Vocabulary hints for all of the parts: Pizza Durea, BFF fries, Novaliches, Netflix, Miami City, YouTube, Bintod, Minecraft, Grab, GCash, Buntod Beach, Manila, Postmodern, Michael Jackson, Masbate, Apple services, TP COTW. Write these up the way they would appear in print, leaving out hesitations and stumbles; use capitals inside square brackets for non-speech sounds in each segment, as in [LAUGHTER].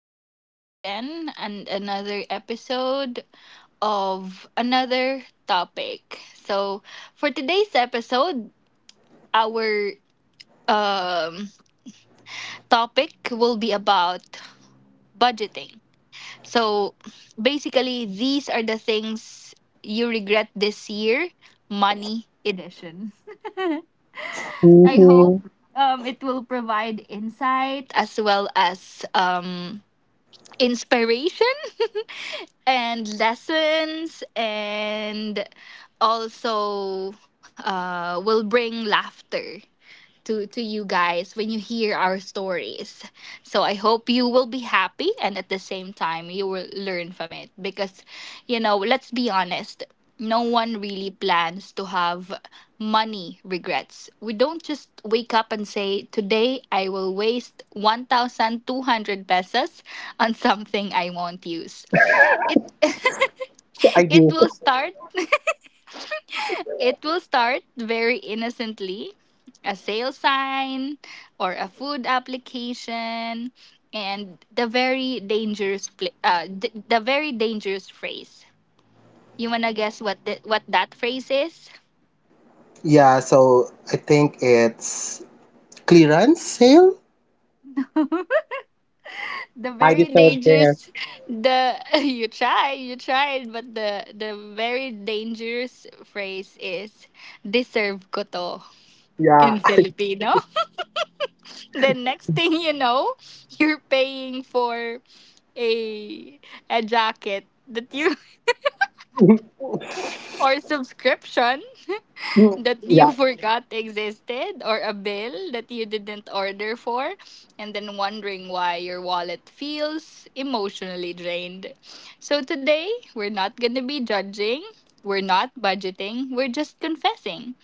This is Van again, and another episode of another topic. So, for today's episode, our um, topic will be about budgeting. So, basically, these are the things you regret this year, money edition. [LAUGHS] I hope Mhm. It will provide insight as well as inspiration and lessons and also will bring laughter to you guys when you hear our stories. So I hope you will be happy and at the same time you will learn from it because let's be honest, no one really plans to have money regrets. We don't just wake up and say, "Today I will waste 1200 pesos on something I won't use." It [LAUGHS] I it do. will start it will start very innocently, a sale sign or a food application, and the very dangerous the very dangerous phrase. You want to guess what what that phrase is? Yeah, so I think it's clearance sale. The I very deserve this. dangerous the [LAUGHS] you try, You tried, but the very dangerous phrase is deserve ko to Yeah. in Filipino. The next [LAUGHS] thing you know, you're paying for a a jacket that you [LAUGHS] [LAUGHS] or subscription that you [LAUGHS] Yeah. forgot existed, or a bill that you didn't order for, and then wondering why your wallet feels emotionally drained. So today, we're not going to be judging, we're not budgeting, we're just confessing.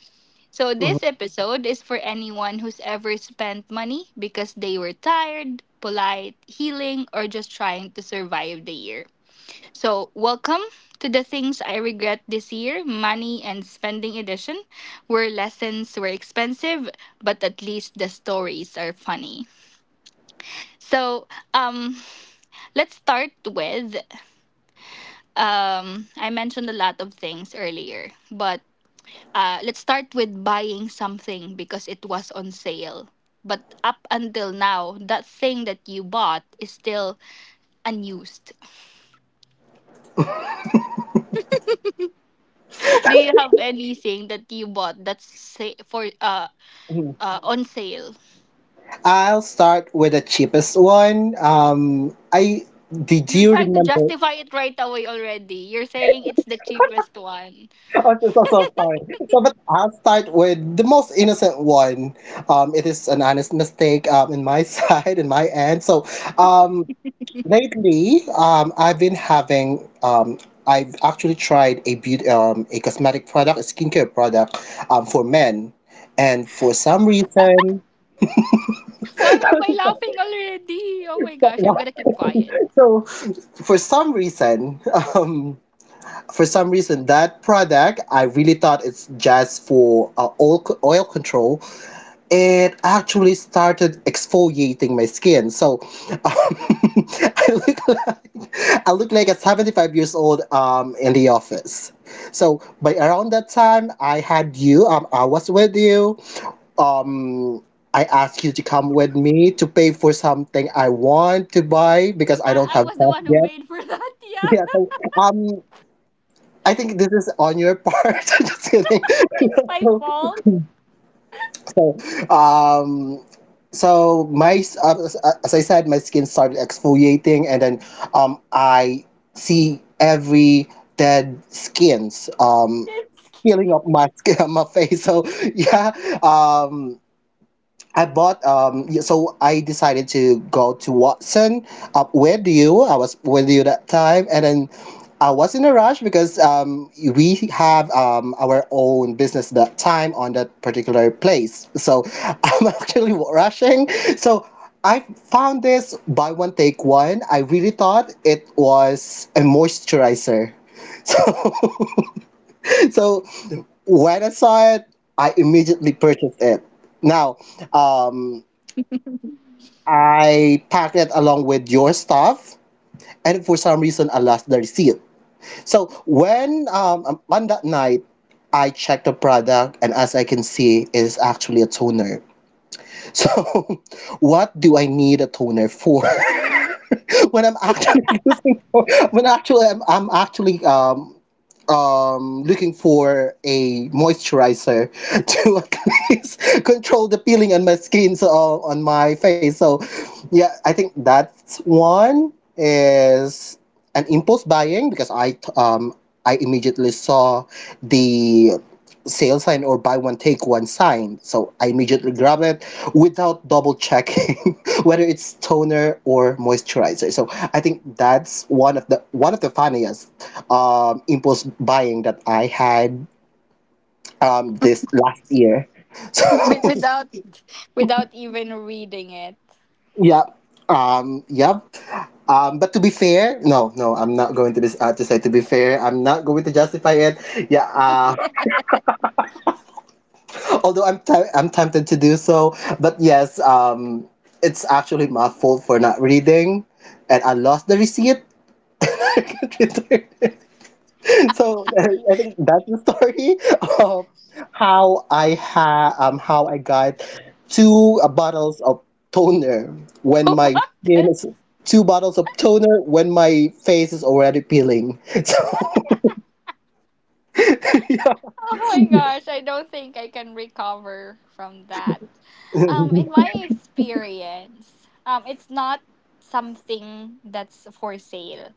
So, this episode is for anyone who's ever spent money because they were tired, polite, healing, or just trying to survive the year. So, welcome to the Things I Regret This Year Money and Spending Edition, where lessons were expensive, but at least the stories are funny. So, um, let's start with I mentioned a lot of things earlier, but let's start with buying something because it was on sale. But up until now, that thing that you bought is still unused. [LAUGHS] Do you have anything that you bought that's sa- for Mm-hmm. On sale? I'll start with the cheapest one. I did You're you trying to remember? justify it right away already. You're saying it's the cheapest one. [LAUGHS] I'm so sorry. So, but I'll start with the most innocent one. It is an honest mistake. In my [LAUGHS] side, in my end. Um. Lately, I've been having I've actually tried a beauty a cosmetic product, a skincare product for men, and for some reason, Why am I laughing already? Oh my gosh, I'm gonna keep quiet. [LAUGHS] so for some reason, um, for some reason, that product I really thought it's just for oil control. It actually started exfoliating my skin. So um, [LAUGHS] I look like a 75 years old in the office. So by around that time, I had you. I was with you. Um, I asked you to come with me to pay for something I want to buy because I don't I have was the cash one who yet. paid for that. [LAUGHS] [LAUGHS] Yeah. Yeah, So I think this is on your part. [LAUGHS] Just kidding. it's my So. fault. [LAUGHS] um so my uh, as as I said, my skin started exfoliating, and then I see every dead skins peeling up my skin [LAUGHS] my face. So yeah, um I bought so I decided to go to Watson up with you. I was with you that time, and then I was in a rush because we have our own business that time on that particular place. So [LAUGHS] I'm actually rushing. So I found this buy one take one. I really thought it was a moisturizer. [LAUGHS] So [LAUGHS] so when I saw it, I immediately purchased it. Now, um, I packed it along with your stuff, and for some reason, I lost the receipt. So when on that night, I checked the product, and as I can see, it is actually a toner. So [LAUGHS] what do I need a toner for [LAUGHS] when I'm actually [LAUGHS] using when actually I'm actually looking for a moisturizer [LAUGHS] to at least control the peeling on my skin, so on my face. So, yeah, I think that's one is an impulse buying because I immediately saw the sale sign or buy one take one sign, so I immediately grab it without double checking [LAUGHS] whether it's toner or moisturizer. So I think that's one of the funniest impulse buying that I had this last year. [LAUGHS] So Without [LAUGHS] without even reading it. yeah, um yeah but to be fair, I'm not going to be to say to be fair. I'm not going to justify it. Yeah, although I'm tempted to do so, but yes, it's actually my fault for not reading, and I lost the receipt. [LAUGHS] I can't return it. So I think that's the story of how I ha how I got two bottles of toner [LAUGHS] when my What skin is is? two bottles of toner when my face is already peeling. [LAUGHS] So [LAUGHS] yeah. Oh my gosh, I don't think I can recover from that. [LAUGHS] In my experience, it's not something that's for sale.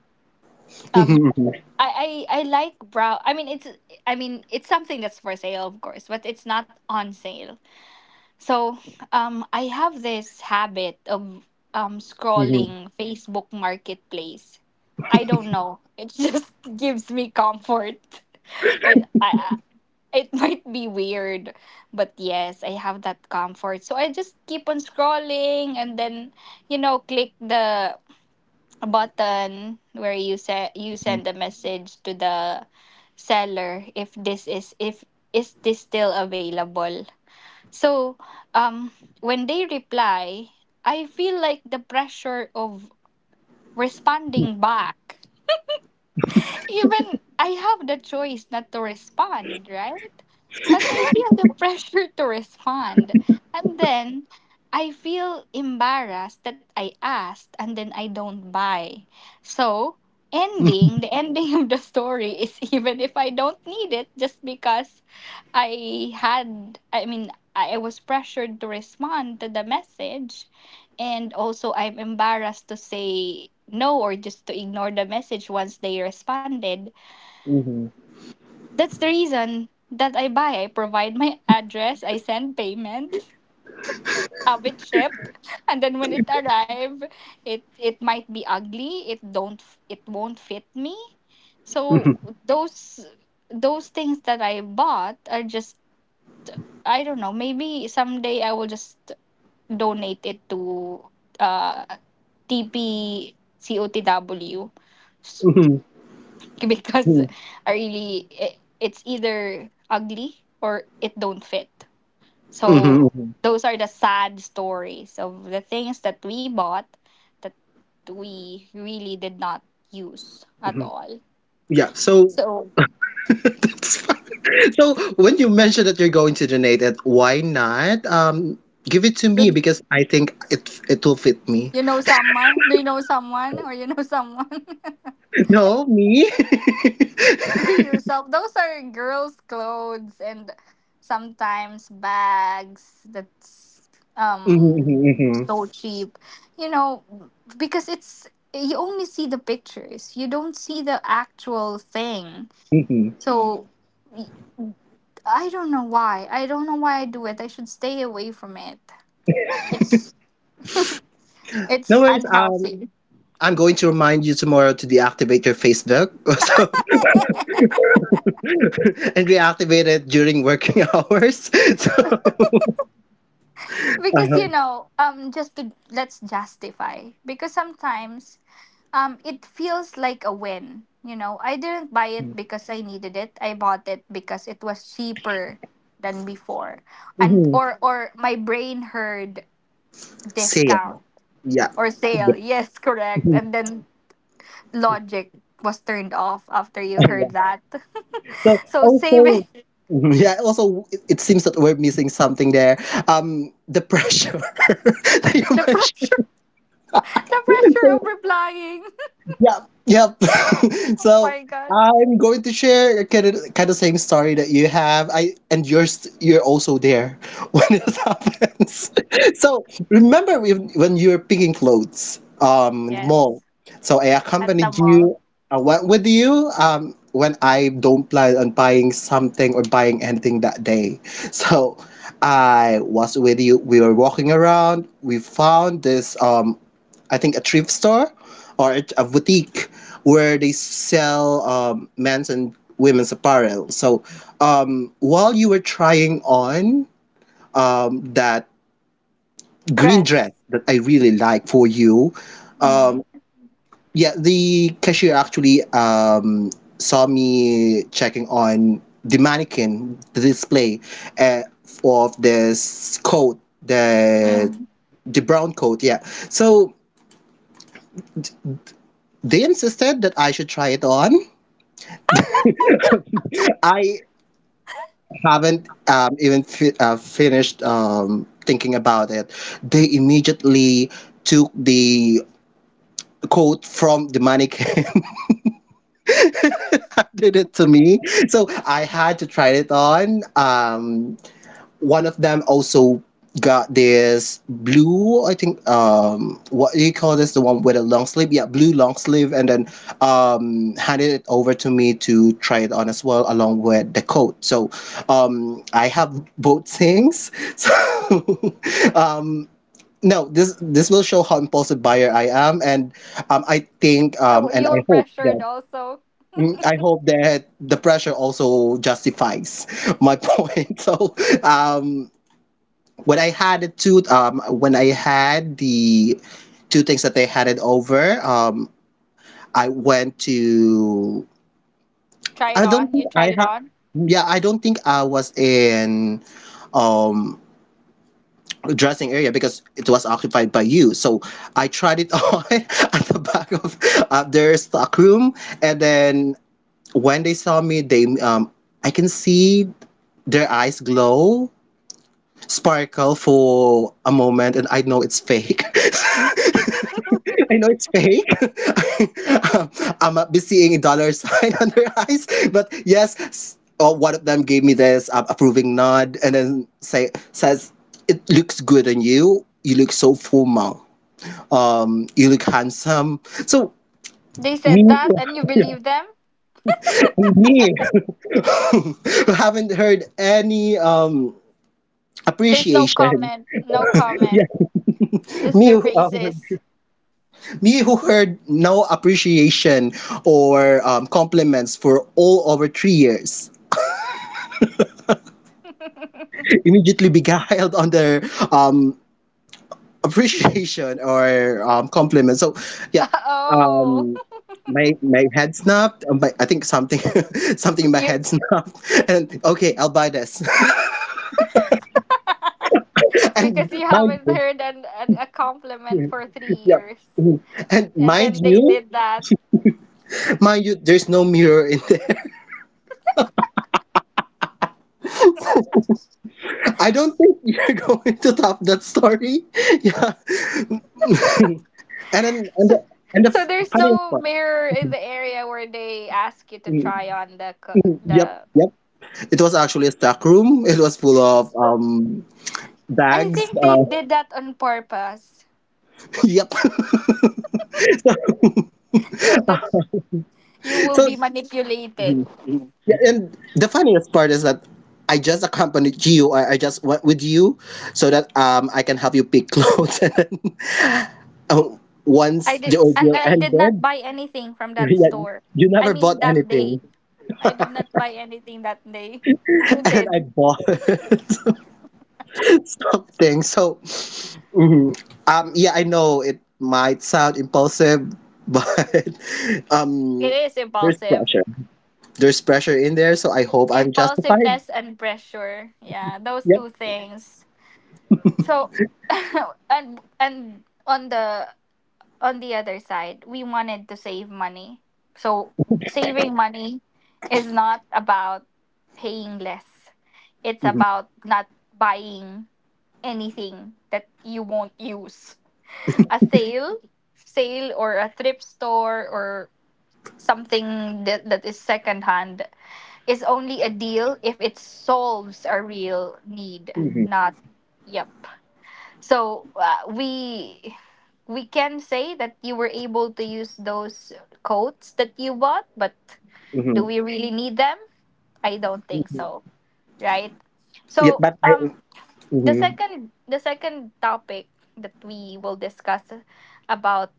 Um, Mhm, I, I like brow. I mean, it's something that's for sale, of course, but it's not on sale. So, I have this habit of mhm, scrolling Facebook Marketplace. I don't know. It just [LAUGHS] gives me comfort. It, I, it [LAUGHS] might be weird, but yes, I have that comfort. So I just keep on scrolling and then, you know, click the button where you say you send a message to the seller if this is if is this still available. So, um when they reply, I feel like the pressure of responding back, even I have the choice not to respond, right? But I feel the [LAUGHS] pressure to respond. And then I feel embarrassed that I asked and then I don't buy. So, ending, the [LAUGHS] ending of the story is, [LAUGHS] even if I don't need it, just because I was pressured to respond to the message. And also, I'm embarrassed to say no or just to ignore the message once they responded. mhm, That's the reason that I buy. I provide my address, I send payment, [LAUGHS] have it shipped, [LAUGHS] and then when it arrive, it might be ugly, it don't f- it won't fit me. So those those things that I bought are just, I don't know, maybe someday I will just donate it to uh TP COTW [LAUGHS] because mhm, I really it's either ugly or it don't fit. So mhm. those are the sad stories of the things that we bought that we really did not use at all. Yeah, so So that's fine. So when you mentioned that you're going to donate it, why not? Give it to me do because I think it it will fit me. you know someone? Do you know someone or you know [LAUGHS] someone? No, me. [LAUGHS] [LAUGHS] To yourself. Those are girls' clothes and sometimes bags that's Mhm, um mhm, so mhm, cheap. You know, because it's you only see the pictures. You don't see the actual thing. mhm. So y- I don't know why. I don't know why I do it. I should stay away from it. It's No it's worries. Unhealthy. I'm going to remind you tomorrow to deactivate your Facebook, [LAUGHS] so [LAUGHS] and reactivate it during working [LAUGHS] hours. So, [LAUGHS] Because uh-huh. you know, just to, let's justify, because sometimes it feels like a win. You know, I didn't buy it because I needed it, I bought it because it was cheaper than before. And, Mhm. Or my brain heard Sale. discount Yeah. or [LAUGHS] sale. [LAUGHS] Yes, correct. And then logic was turned off after you Yeah. heard that. So [LAUGHS] So saving, also, yeah, also it seems that we're missing something there. The pressure [LAUGHS] that [LAUGHS] you the pressure, mentioned. the pressure So of replying, Yep, yep. [LAUGHS] [LAUGHS] oh So my god. I'm going to share kind of same story that you have. I and you're st- You're also there [LAUGHS] when it happens. So remember when you were picking clothes in the Yes, mall. So I at the accompanied mall. you. I went with you when I don't plan on buying something or buying anything that day. [LAUGHS] So I was with you. We were walking around. We found this I think a thrift store or at a boutique where they sell men's and women's apparel. So while you were trying on that green Dress. dress that I really like for you, Mm. yeah, the cashier actually saw me checking on the mannequin, the display uh, of this coat, Um, the brown coat. Yeah, so they insisted that I should try it on. I haven't finished thinking about it, they immediately took the coat from the mannequin [LAUGHS] and did it to me. So I had to try it on. One of them also got this blue, I think, what do you call this the one with a long sleeve, yeah, blue long sleeve, and then handed it over to me to try it on as well along with the coat. So I have both things. [LAUGHS] So um no, this this will show how impulsive buyer I am. And I think and you were I hope pressured that also. mm, I hope that the pressure also justifies my [LAUGHS] point. So, um, when I had the two, when I had the two things that they handed over, I went to. Try it I don't on. think You I tried it had. on. Yeah, I don't think I was in um dressing area because it was occupied by you. So I tried it [LAUGHS] on at the back of their stock room, and then when they saw me, they I can see their eyes glow, sparkle for a moment, and I know it's fake. [LAUGHS] I know it's fake. [LAUGHS] um, I'm be seeing a dollar sign [LAUGHS] on their eyes, but yes, oh, one of them gave me this approving nod, and then says it looks good on you. You look so formal. You look handsome. So They said me, that and you [LAUGHS] yeah, believe them. me, [LAUGHS] who haven't heard any There's no appreciation. [LAUGHS] comment. No Yeah, comment. Just me. their who, Um, faces. me who heard no appreciation or compliments for all over 3 years [LAUGHS] immediately beguiled on their [LAUGHS] um, appreciation or compliments. So, yeah, Oh. um, my head snapped. I think something [LAUGHS] something in my You head [LAUGHS] snapped. And okay, I'll buy this. [LAUGHS] [LAUGHS] And because you mind haven't you, heard a [LAUGHS] compliment for yeah. 3 years. Mhm. And And mind then they you, did that. [LAUGHS] mind you, there's no mirror in there. [LAUGHS] I don't think you're [LAUGHS] going to top that story. [LAUGHS] Yeah. And then, and So, the, and the so there's funniest no part, mirror in the area where they ask you to mm, try on the yep, the yep. It was actually a stock room. It was full of I bags. think they did that on purpose [LAUGHS] yep. [LAUGHS] So, so that you will be so manipulated. yeah, and the funniest part is that I just accompanied you. I just went with you so that I can help you pick clothes. [LAUGHS] And then, oh, I once the did, and ordeal I did not ended, buy anything from [LAUGHS] that yeah, store. you I never bought mean, that anything, day. I did not buy anything that day. [LAUGHS] [LAUGHS] and You then I did. bought [LAUGHS] [LAUGHS] something. So, mhm. Um, yeah, I know it might sound impulsive, but [LAUGHS] It um, is there's impulsive. pressure. There's pressure in there, so I hope I'm justified. Impulsiveness and pressure. Yeah, those Yep. two things. So, [LAUGHS] and on the other side, we wanted to save money. So, saving money is not about paying less. It's hmm about not buying anything that you won't use. A sale or a thrift store or something that is secondhand is only a deal if it solves a real need, hmm not, yep. So we can say that you were able to use those coats that you bought, but do hmm we really need them? I don't think so, right? Yep. So But I. um the Mhm. second topic that we will discuss about,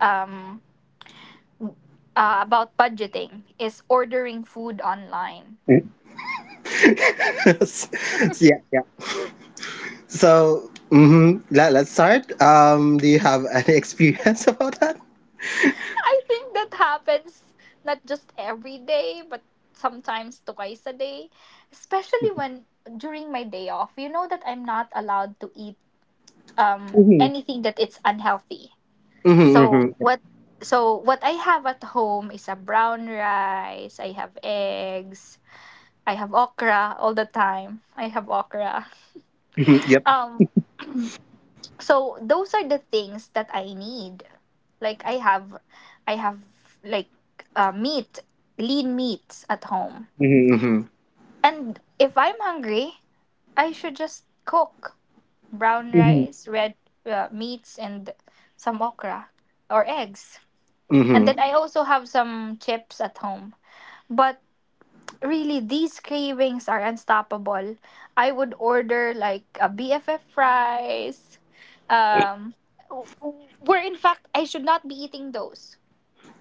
um about budgeting, is ordering food online. [LAUGHS] So, yeah, yeah. So, hmm. Let's start. Do you have any experience [LAUGHS] about that? [LAUGHS] I think that happens not just every day, but sometimes twice a day, especially when during my day off. You know that I'm not allowed to eat hmm anything that it's unhealthy. hmm So hmm what? So what I have at home is a brown rice. I have eggs. I have okra all the time. I have okra. [LAUGHS] Yep. Um, so those are the things that I need. Like I have like meat, lean meats at home. hmm hmm And if I'm hungry, I should just cook brown hmm rice, red meats, and some okra or eggs. hmm And then I also have some chips at home. But really these cravings are unstoppable. I would order like a BFF fries. Um where in fact I should not be eating those,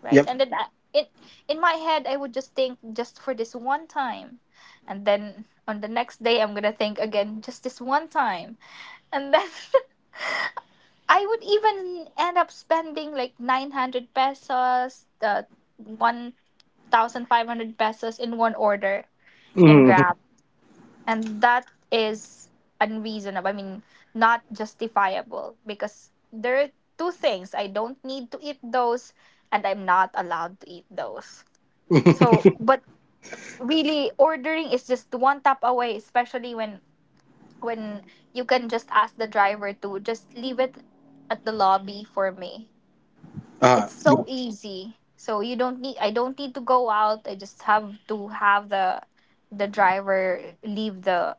right? Yep. In in my head, I would just think just for this one time, and then on the next day, I'm gonna think again just this one time, and then [LAUGHS] I would even end up spending like 900 pesos, 1,500 pesos in one order in hmm Grab, and that is unreasonable. I mean, not justifiable because there are two things, I don't need to eat those, and I'm not allowed to eat those. So, [LAUGHS] but really ordering is just one tap away, especially when you can just ask the driver to just leave it at the lobby for me. It's yeah. so easy, so you don't need, I don't need to go out, I just have to have the driver leave the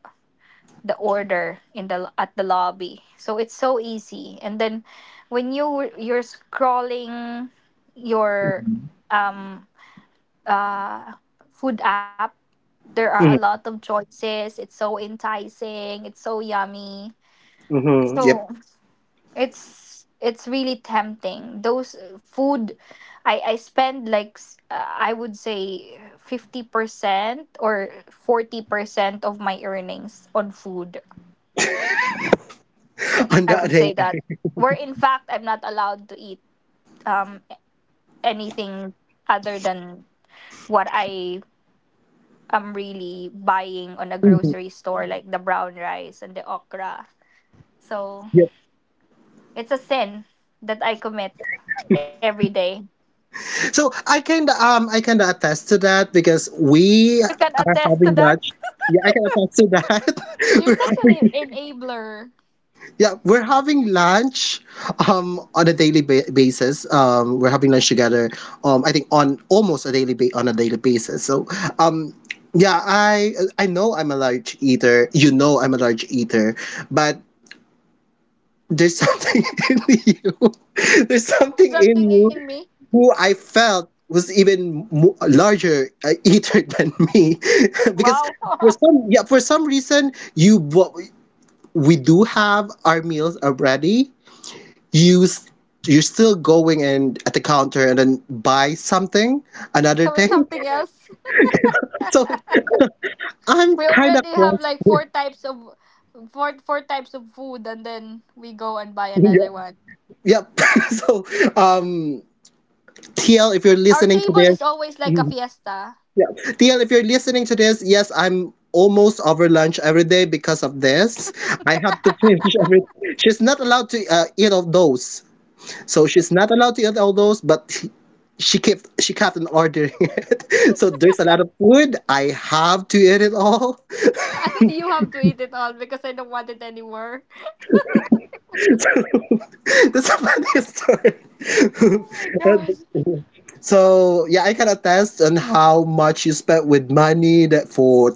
order in the at the lobby. So it's so easy. And then when you, you're scrolling your um uh, food app, there are a hmm lot of choices. It's so enticing. It's so yummy. Yep. So it's really tempting. Those food, I spend like I would say 50% or 40% of my earnings on food. [LAUGHS] On I the would day. say that, where in fact I'm not allowed to eat um anything other than what I'm really buying on a grocery Mhm. store, like the brown rice and the okra. So Yep. it's a sin that I commit every day. So I can attest to that because we You can are attest to having that. lunch. Yeah, I can attest to that. You're such [LAUGHS] an We're- enabler. yeah, we're having lunch on a daily ba- basis. We're having lunch together. I think on almost a daily ba- on a daily basis. So um. Yeah, I know I'm a large eater. You know I'm a large eater, but. There's something [LAUGHS] in you. There's [LAUGHS] There's something in something in you me. who I felt was even larger eater [LAUGHS] than me [LAUGHS] because Wow. for [LAUGHS] some yeah, for some reason, you, what, we do have our meals already, you s- you're still going and at the counter and then buy something another So it's thing. something else. [LAUGHS] So [LAUGHS] I'm We kind of already have lost. like [LAUGHS] four types of, four types of food, and then we go and buy Yeah, another one. yep. [LAUGHS] So um TL, if you're Our listening to table this. is always like a fiesta. Yeah. Thiel, if you're listening to this, yes, I'm almost over lunch every day because of this. [LAUGHS] I have to And finish [LAUGHS] everything. She's not allowed to eat all those. So she's not allowed to eat all those, but she kept on ordering [LAUGHS] it. So there's a lot of food. I have to eat it all. [LAUGHS] you have to eat it all because I don't want it anymore. So [LAUGHS] that's a funny Oh story. my [LAUGHS] gosh. And so yeah, I can attest on how much you spent with money that for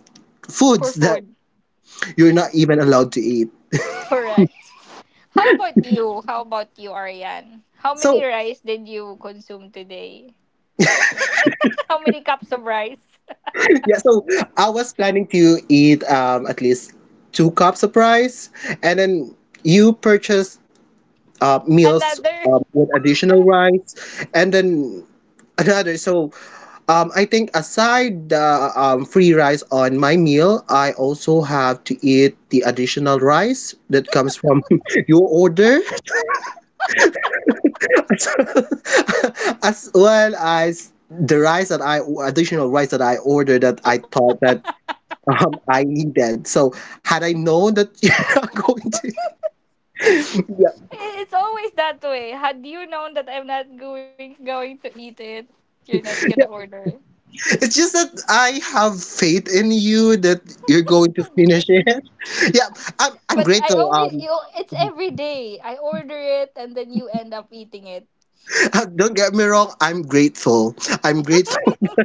For foods that food. you're not even allowed to eat. Correct. How about you? How about you, Ariane? How many So rice did you consume today? [LAUGHS] How many cups of rice? [LAUGHS] [LAUGHS] yeah, so I was planning to eat at least two cups of rice, and then you purchased meals Another. With additional rice, and then another. So I think aside the free rice on my meal, I also have to eat the additional rice that comes from [LAUGHS] your order, [LAUGHS] as well as the rice that I additional rice that I ordered that I thought that I need that. So had I known that [LAUGHS] you're not going to, yeah, It's always that way. Had you known that I'm not going to eat it, you're not gonna order. it's just that I have faith in you that you're going to finish [LAUGHS] it. [LAUGHS] Yeah, I'm But I grateful. always you. It's every day. I order it and then you end up eating it. [LAUGHS] Don't get me wrong, I'm grateful. I'm grateful. [LAUGHS]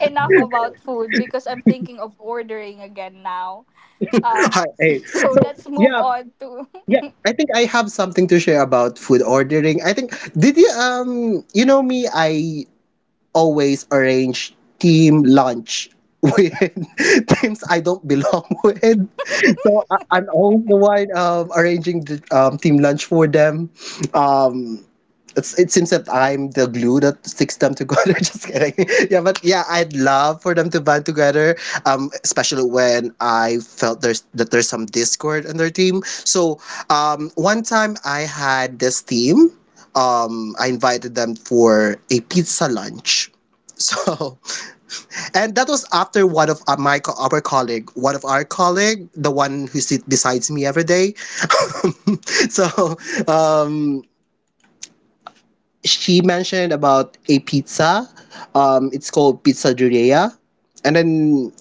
Enough about food because I'm thinking of ordering again now. Um, Hi, hey. [LAUGHS] so So let's move yeah, on to yeah, I think I have something to share about food ordering. I think did you you know me? I always arrange team lunch with [LAUGHS] teams I don't belong [LAUGHS] with. So I'm always the one arranging the team lunch for them. Um, it seems that I'm the glue that sticks them together. [LAUGHS] Just kidding. Yeah, but yeah, I'd love for them to band together. Especially when I felt there's some discord in their team. So, one time I had this team. I invited them for a pizza lunch. So, [LAUGHS] and that was after one of my co- our colleague, one of our colleague, the one who sits besides me every day. [LAUGHS] so, um, she mentioned about a pizza. It's called Pizza Durea. And then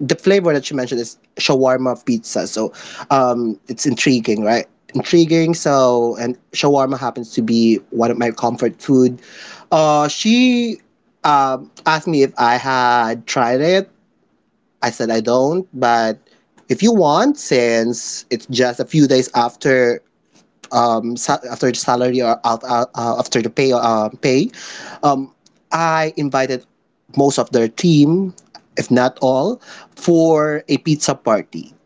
the flavor that she mentioned is shawarma pizza. So it's intriguing, right? Intriguing. So, and shawarma happens to be one of my comfort food. She asked me if I had tried it. I said I don't, but if you want, since it's just a few days after after the salary or out, after the pay um I invited most of their team if not all for a pizza party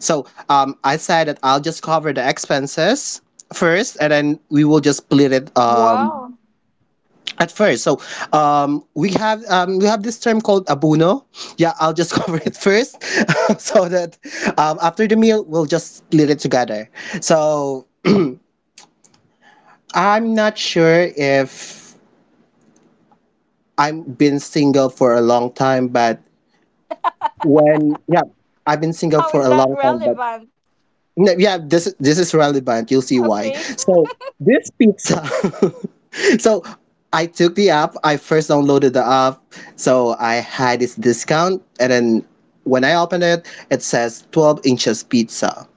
so I said that I'll just cover the expenses first and then we will just split it [LAUGHS] wow. at first. So we have this term called abuno. Yeah, I'll just [LAUGHS] cover it first. [LAUGHS] So that after the meal we'll just split it together. So I'm not sure if I've been single for a long time, but [LAUGHS] when yeah, I've been single How for a is that long time, but relevant? no, yeah, this is relevant. You'll see why. Okay. So this pizza. [LAUGHS] So I took the app. I first downloaded the app, so I had this discount, and then when I opened it, it says 12 inches pizza.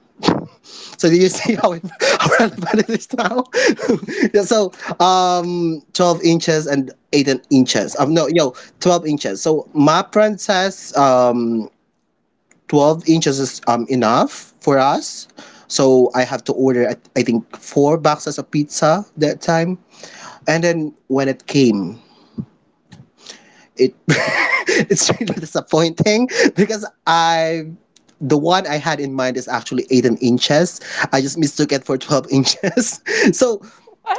So do you [LAUGHS] see how, it, [LAUGHS] how relevant it is now? [LAUGHS] Yeah, so 12 inches and 18 inches. No, yo, 12 inches. So my friend says 12 inches is enough for us. So I have to order I think four boxes of pizza that time, and then when it came, it [LAUGHS] it's really disappointing because I the one I had in mind is actually eight and inches. I just mistook it for 12 inches. [LAUGHS] So [LAUGHS]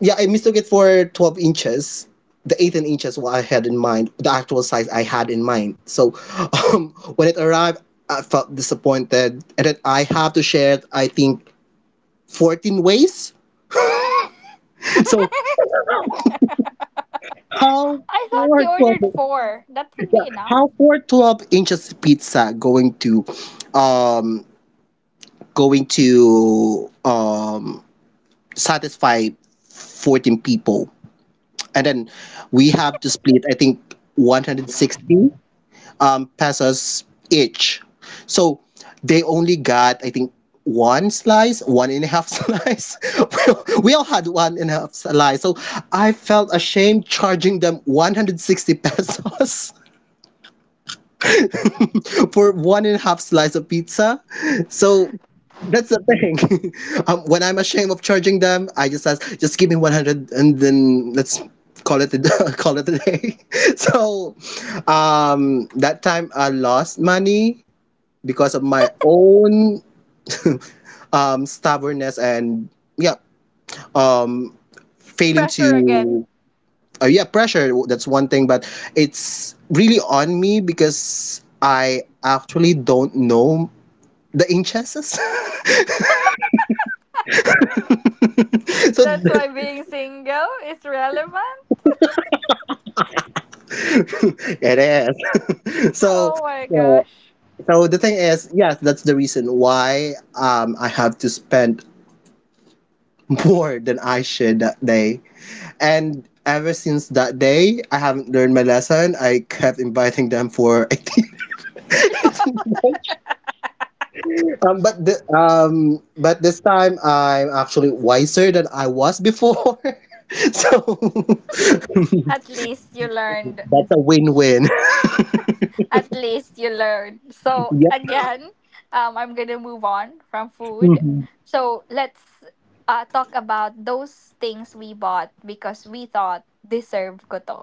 yeah, I mistook it for 12 inches. The eight and inches what I had in mind, the actual size I had in mind. So [LAUGHS] um, when it arrived, I felt disappointed, and then I have to share it. I think 14 ways. [LAUGHS] So how I thought you for ordered 12? four. That would be Pizza. enough. How for 12 inches pizza going to, um, going to satisfy 14 people, and then we have to split. I think 160 pesos each. So they only got I think one slice, one and a half [LAUGHS] slice. we we all had one and a half slice. So I felt ashamed charging them 160 pesos for one and a half slice of pizza. So that's the thing. [LAUGHS] Um, when I'm ashamed of charging them, I just ask, just give me 100 and then let's call it [LAUGHS] call it a day. [LAUGHS] So that time I lost money because of my own [LAUGHS] stubbornness and yeah, um, failing Pressure again. to yeah, pressure. That's one thing, but it's really on me because I actually don't know the inches. [LAUGHS] So That's why [LAUGHS] being single is relevant? it is. [LAUGHS] So Oh my uh, gosh. so the thing is yes, that's the reason why I have to spend [LAUGHS] more than I should that day. And ever since that day I haven't learned my lesson, I kept inviting them for [LAUGHS] activities. Um, but this time I'm actually wiser than I was before. [LAUGHS] So [LAUGHS] that's At least you learned. a win-win. At least you learn. [LAUGHS] So Yep. again, I'm gonna move on from food. Hmm. So let's talk about those things we bought because we thought deserve ko to.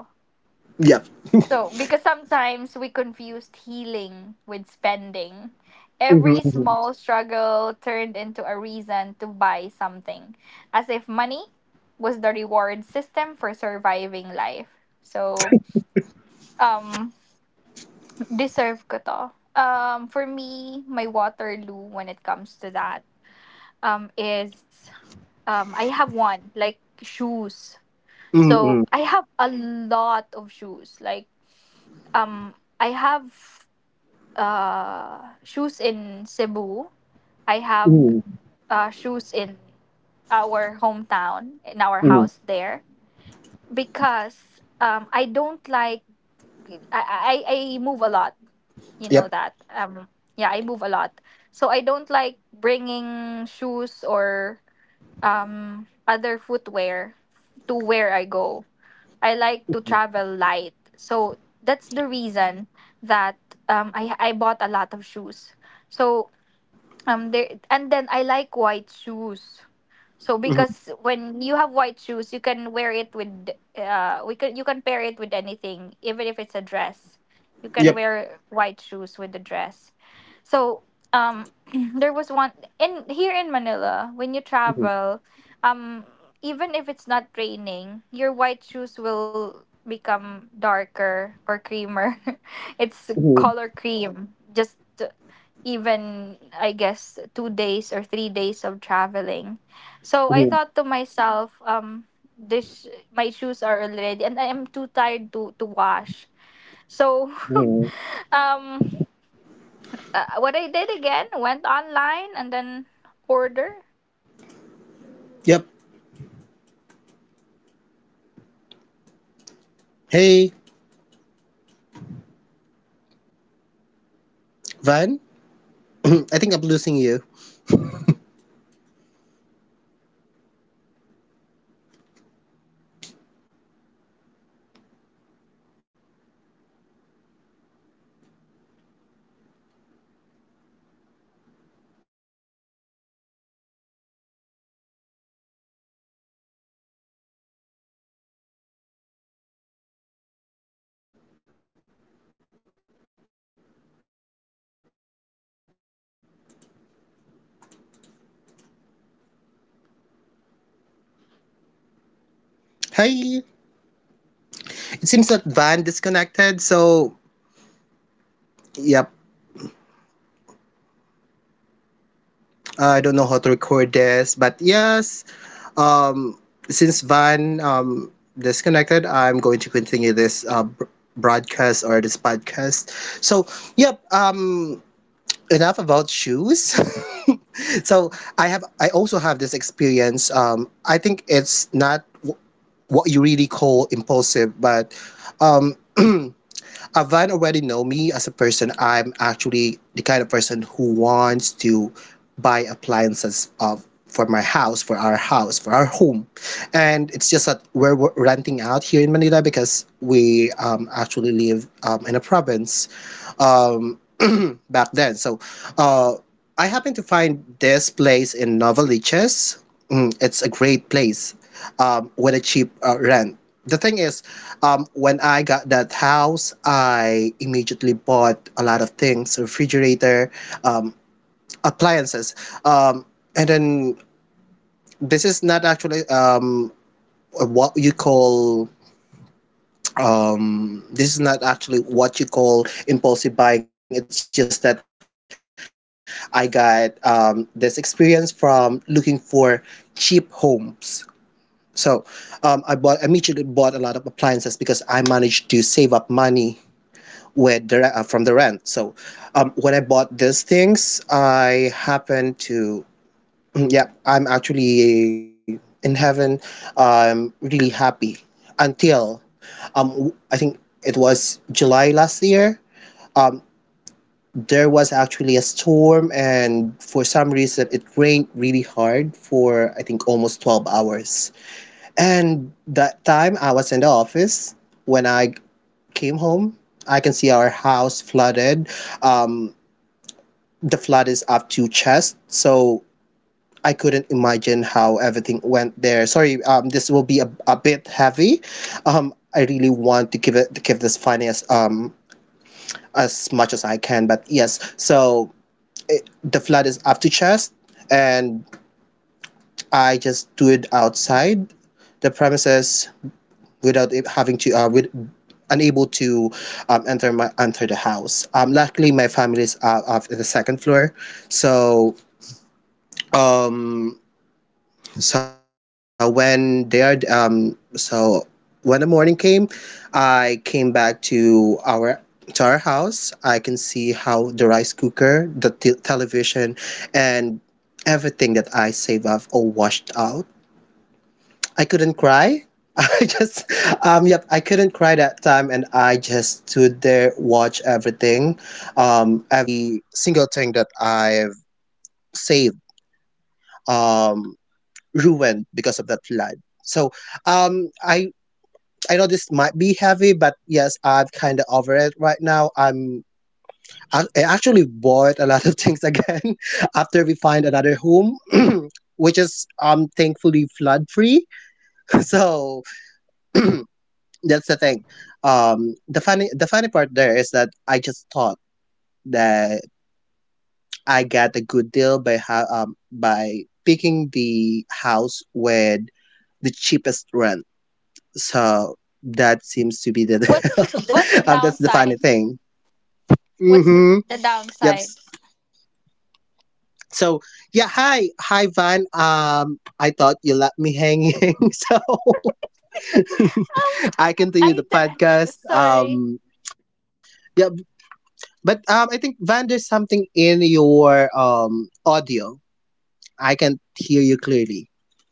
Yep. So because sometimes we confused healing with spending. Every Hmm. small struggle turned into a reason to buy something, as if money was the reward system for surviving life. So um deserve ko to. For me, my Waterloo when it comes to that is, I have one, like, shoes. So I have a lot of shoes. Like, um, I have shoes in Cebu. I have Mhm. Shoes in our hometown, in our Mhm. house there. Because I don't like I move a lot. You know Yep. that. Yeah, I move a lot. So I don't like bringing shoes or other footwear to where I go. I like to travel light. So that's the reason that I bought a lot of shoes. So there and then I like white shoes. So Mhm. because when you have white shoes, you can wear it with we can you can pair it with anything, even if it's a dress. You can Yep. wear white shoes with the dress. So um [CLEARS THROAT] there was one in here in Manila, when you Mhm. travel, um even if it's not raining, your white shoes will become darker or creamer. [LAUGHS] It's Mhm. color cream. Just even I guess 2 days or 3 days of traveling. So I Mhm. thought to myself, this my shoes are already, and I am too tired to wash. So, Mhm. [LAUGHS] um, what I did again went online and then order and with the thinking Yep. that deserve ko to, I deserve this. [LAUGHS] So I ordered Hey, one pair of shoes and Van. but [CLEARS THROAT] I um, think I'm it's worth losing it you. because in on a daily basis, I still use it. But then again, I already have a lot of shoes. All I have to do is to wash them. It's just so tiring to wash because um we don't. I actually in our in the condo we don't have a proper like basin or brush. I mean we have brush, but it's difficult to wash the shoes. So I just bought new ones because I think I deserve it. Hey. It seems that Van Arian, are you disconnected, there? [LAUGHS] so yep. I don't know how to record this, but yes. Um, since Van disconnected, I'm going to continue this broadcast or this podcast. So yep. Um, enough about shoes. [LAUGHS] So I have I also have this experience. Um, I All think right. it's not w- what you really call impulsive, but um Avan already know me as a person. I'm actually the kind of person who wants to buy appliances of for my house, for our house, for our home. And it's just that we're renting out here in Manila because we actually live in a province um, [CLEARS THROAT] back then. So uh, Connecting. I happened to find this place in Novaliches. Mm, it's a great place with a cheap rent. The thing is, when I got that house, I immediately bought a lot of things, refrigerator, um, appliances. Um, and then this is not actually what you call this is not actually what you call impulsive buying. It's just that I got this experience from looking for cheap homes. So I bought immediately bought a lot of appliances because I managed to save up money with the from the rent. So when I bought these things I happened to [CLEARS THROAT] mm, yeah, I'm actually in heaven, I'm really happy. Until I think it was July last year. Um, there was actually a storm and for some reason it rained really hard for I think almost 12 hours. And that time I was in the office when I came home, I can see our house flooded. Um, the flood is up to chest, so I couldn't imagine how everything went there. Sorry, this will be a bit heavy. I really want to give it to give this finance as much as I can, but yes, so it, the flood is up to chest and I just do it outside the premises without having to with unable to enter the house. Um, luckily my family is up in the second floor. So um So when they are so when the morning came, I came back to our house. I can see how the rice cooker, the television, and everything that I save up all washed out. I couldn't cry. [LAUGHS] I just yep, I couldn't cry that time and I just stood there, watch everything. Um, every single thing that I've saved. Um, ruined because of that flood. So um, I I know this might be heavy, but yes, I'm kind of over it right now. I actually bought a lot of things again [LAUGHS] after we find another home, [CLEARS THROAT] which is thankfully flood free. [LAUGHS] So [CLEARS THROAT] that's the thing. The funny part there is that I just thought that I got a good deal by by picking the house with the cheapest rent. So that seems to be the What's the [LAUGHS] that's the downside? funny thing. What's the Mm-hmm. the Yep. downside? So yeah, hi, hi Van. I thought you left me hanging, [LAUGHS] so [LAUGHS] Um, I continue I the d- podcast. Sorry. Yeah, but I think Van, there's something in your audio. I can hear you clearly.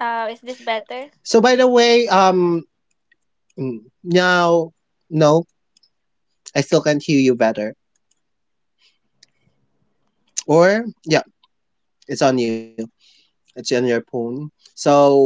Is this better? So by the way, mm, now, no, I still can't hear you better. Or yeah, it's on you. It's on your phone. So,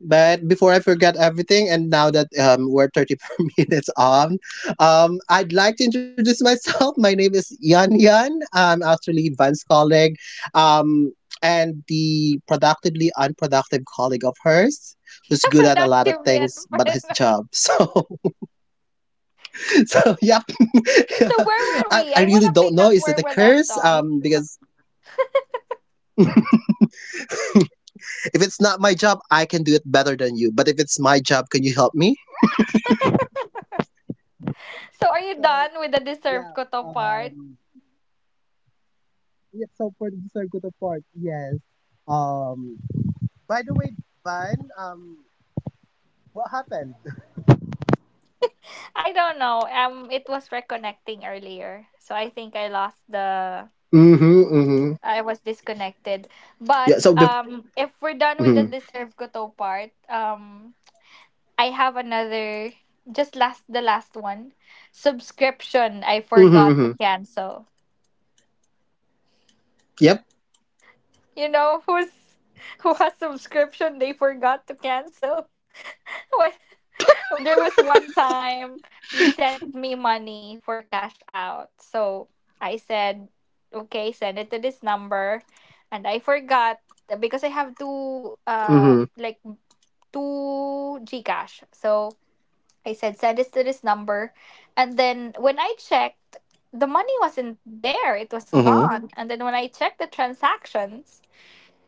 but before I forget everything, and now that we're 34 [LAUGHS] minutes on, I'd like to introduce myself. [LAUGHS] My name is Yan Yan. I'm actually Van's colleague um, and the productively unproductive colleague of hers, who's [LAUGHS] good at a lot of Productively things but his unproductive. job. [LAUGHS] So, so yeah. [LAUGHS] Yeah. So where were I, we? I I really wanna don't pick know. up Is where it a we left curse? off. Because if it's not my job, I can do it better than you. But if it's my job, can you help me? So are you So done with the deserve yeah, ko to part? um, yeah. So for the Surguto part, yes. Um, by the way, Van, what happened? I don't know. It was reconnecting earlier, so I think I lost the. Mm-hmm, mm-hmm. I was disconnected. Yeah, But so if we're done with the mm-hmm, deserve ko to part, I have another just last the last one. Subscription I forgot mm-hmm, to mm-hmm. cancel. Yep. You know [LAUGHS] who has subscription they forgot to cancel? [LAUGHS] When there was one time you sent me money for cash out. So I said, okay, send it to this number and I forgot because I have Mm-hmm. two like two Gcash. So I said, send this to this number. And then when I checked, the money wasn't there. It was Mm-hmm. gone. And then when I checked the transactions,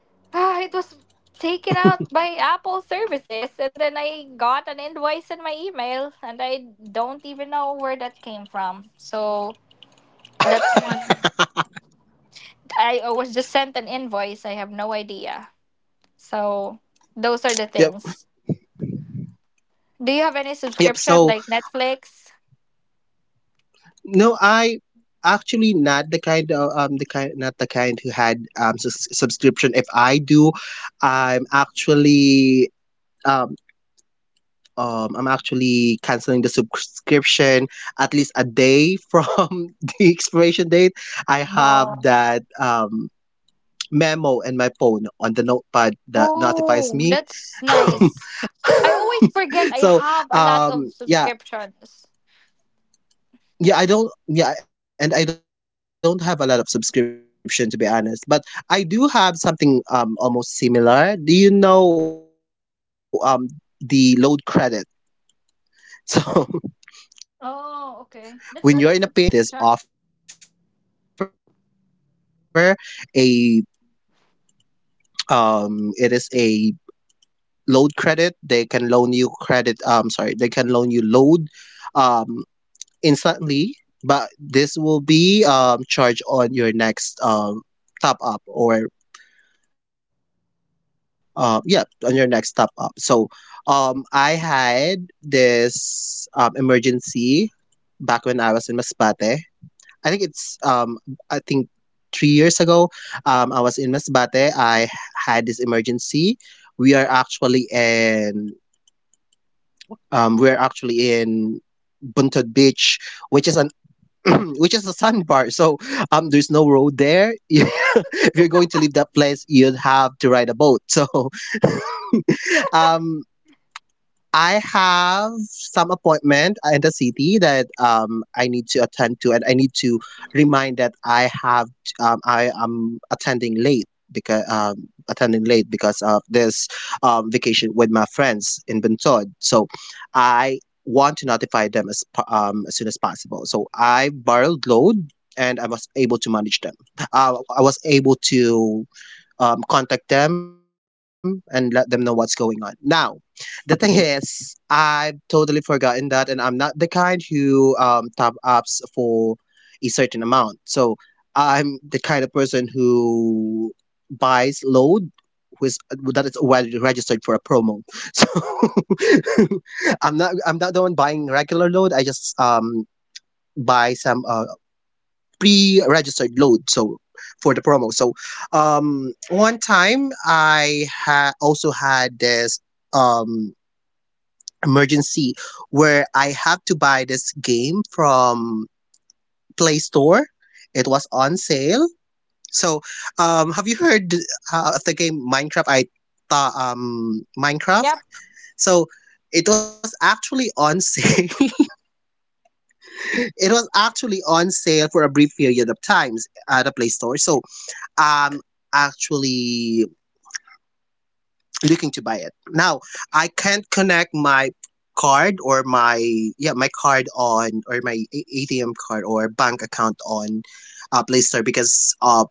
[SIGHS] ah, it was taken out by Apple services. And then I got an invoice in my email. And I don't even know where that came from. So that's one. I was just sent an invoice. I have no idea. So those are the Yep. things. Do you have any Yep. subscription So like Netflix? no, I actually not the kind not the kind who had sus subscription. If I do, I'm actually um I'm actually canceling the subscription at least a day from [LAUGHS] the expiration date. I have Oh. that memo in my phone on the notepad that notifies Oh, me. that's nice. I [LAUGHS] always forget I so have a lot of um, yeah. subscriptions. Yeah, I don't. Yeah, and I don't have a lot of subscription to be honest, but I do have something almost similar. Do you know the load credit? [LAUGHS] So when you're in a pinch, Oh, okay. That's not a one of our subscription. service provider here in the Philippines have this offer. A it is a load credit. They can loan you credit. Sorry, they can loan you load, um, instantly. But this will be charged on your next top up or uh yeah on your next top up. So I had this emergency back when I was in Masbate. I think it's I think 3 years ago, I was in Masbate. I had this emergency. We are actually in we are actually in Buntod Beach, which is an [CLEARS THROAT] which is a sandbar. So there's no road there. [LAUGHS] If you're going to leave that place, you'd have to ride a boat. So [LAUGHS] um I have some appointment in the city that I need to attend to, and I need to remind that I have I am attending late because of this vacation with my friends in Bintod. So I want to notify them as soon as possible. So I borrowed load and I was able to manage them. I was able to contact them and let them know what's going on. Now, the thing is, I've totally forgotten that, and I'm not the kind who top ups for a certain amount. So I'm the kind of person who buys load who is that is already registered for a promo. [LAUGHS] So [LAUGHS] I'm not the one buying regular load. I just buy some pre-registered load so for the promo. So one time I also had this um emergency where I have to buy this game from Play Store. It was on sale. So have you heard of the game Minecraft? I thought, Minecraft. Yep. So it was actually on sale. [LAUGHS] It was actually on sale for a brief period of times at a Play Store. So I'm actually looking to buy it. Now, I can't connect my card or my yeah my card on or my A- ATM card or bank account on Play Store because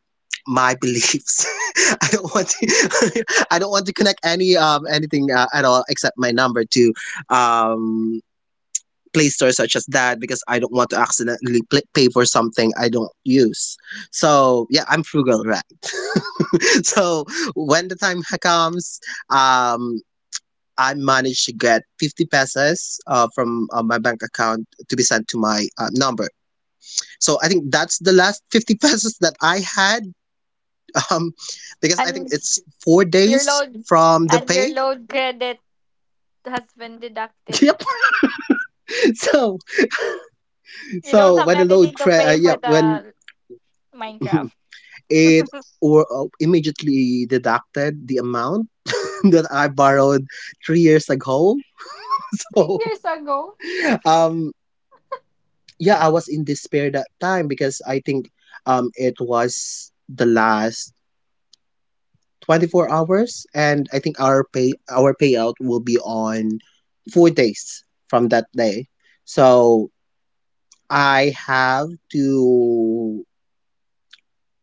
my beliefs. [LAUGHS] I don't want to [LAUGHS] I don't want to connect anything at all except my number to um Play Store such as that because I don't want to accidentally pay for something I don't use. So yeah, I'm frugal, right? [LAUGHS] So when the time [LAUGHS] comes, um, I managed to get 50 pesos from my bank account to be sent to my number. So I think that's the last [LAUGHS] 50 pesos that I had, [LAUGHS] um, because I think And s- it's four your days load from the and your pay. load credit has been [LAUGHS] deducted. Yep. So You don't so have when the load anything to cre- pay for yep when the [LAUGHS] Minecraft. it or immediately deducted the amount [LAUGHS] that I borrowed 3 years ago. [LAUGHS] Three So years ago. um yeah, I was in despair that time because I think it was the last 24 hours, and I think our payout will be on 4 days from that day. So I have to,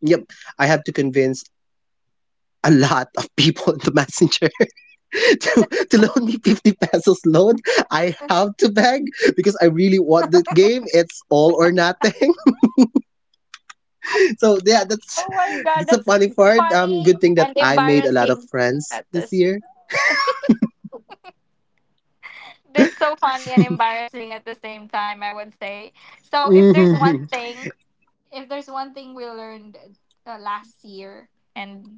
yep, I have to convince a [LAUGHS] lot of people in the messenger [LAUGHS] to, to loan me 50 pesos loan. I have to beg because I really want the game. It's all or nothing. So yeah, Oh my god, that's a that's funny part. Funny Good thing that and I made a lot of embarrassing friends at this this. year. That's so funny and embarrassing at the same time, I would say. So Hmm. If there's one thing we learned last year and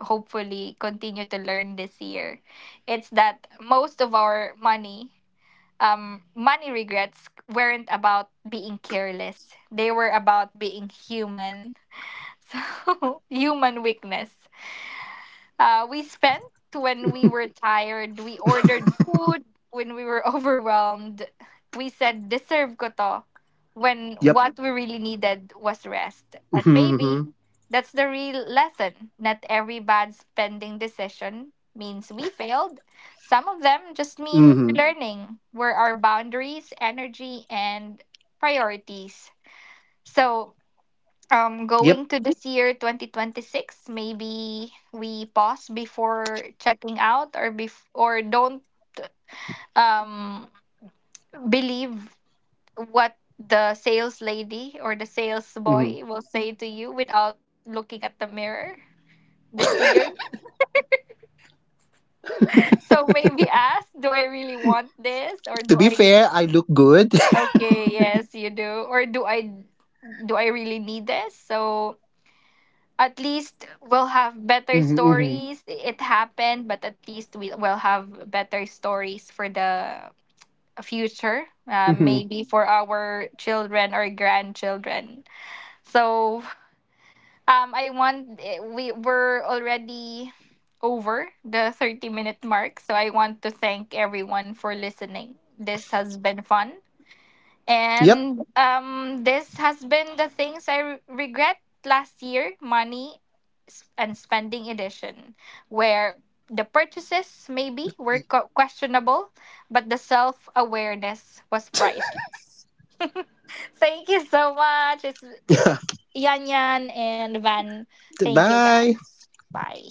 hopefully continue to learn this year, it's that most of our money, money regrets weren't about being careless. They were about being human. [LAUGHS] So, human weakness. We spent when we were tired. We ordered food when we were [LAUGHS] overwhelmed. We said, Yep. deserve ko to. When what we really Hmm. needed was rest. And maybe that's the real lesson. Not every bad spending decision means we failed. Some of Hmm. them just mean we're learning where our boundaries, energy, and priorities. So Yep. Going to this year 2026, maybe we pause before checking out or don't um believe what the sales lady Hmm. or the sales boy will say to you without looking at the mirror this year. [LAUGHS] So maybe ask, do I To be really fair, want I look this, or do good. I [LAUGHS] okay yes you do, or do I do I really need this? So at least we'll Hmm. have better Hmm. stories. It happened, but at least we will have better stories for the future. Hmm. Maybe for our children or grandchildren. So I want we were already over the 30 minute mark. So I want to thank everyone for listening. This has been fun. Yep. And this has been the things I regret last year money and spending edition, where the purchases maybe were questionable, but the self awareness was priceless. Thank you so much. It's [LAUGHS] Yan Yan and Van. Thank you Bye. guys. Bye.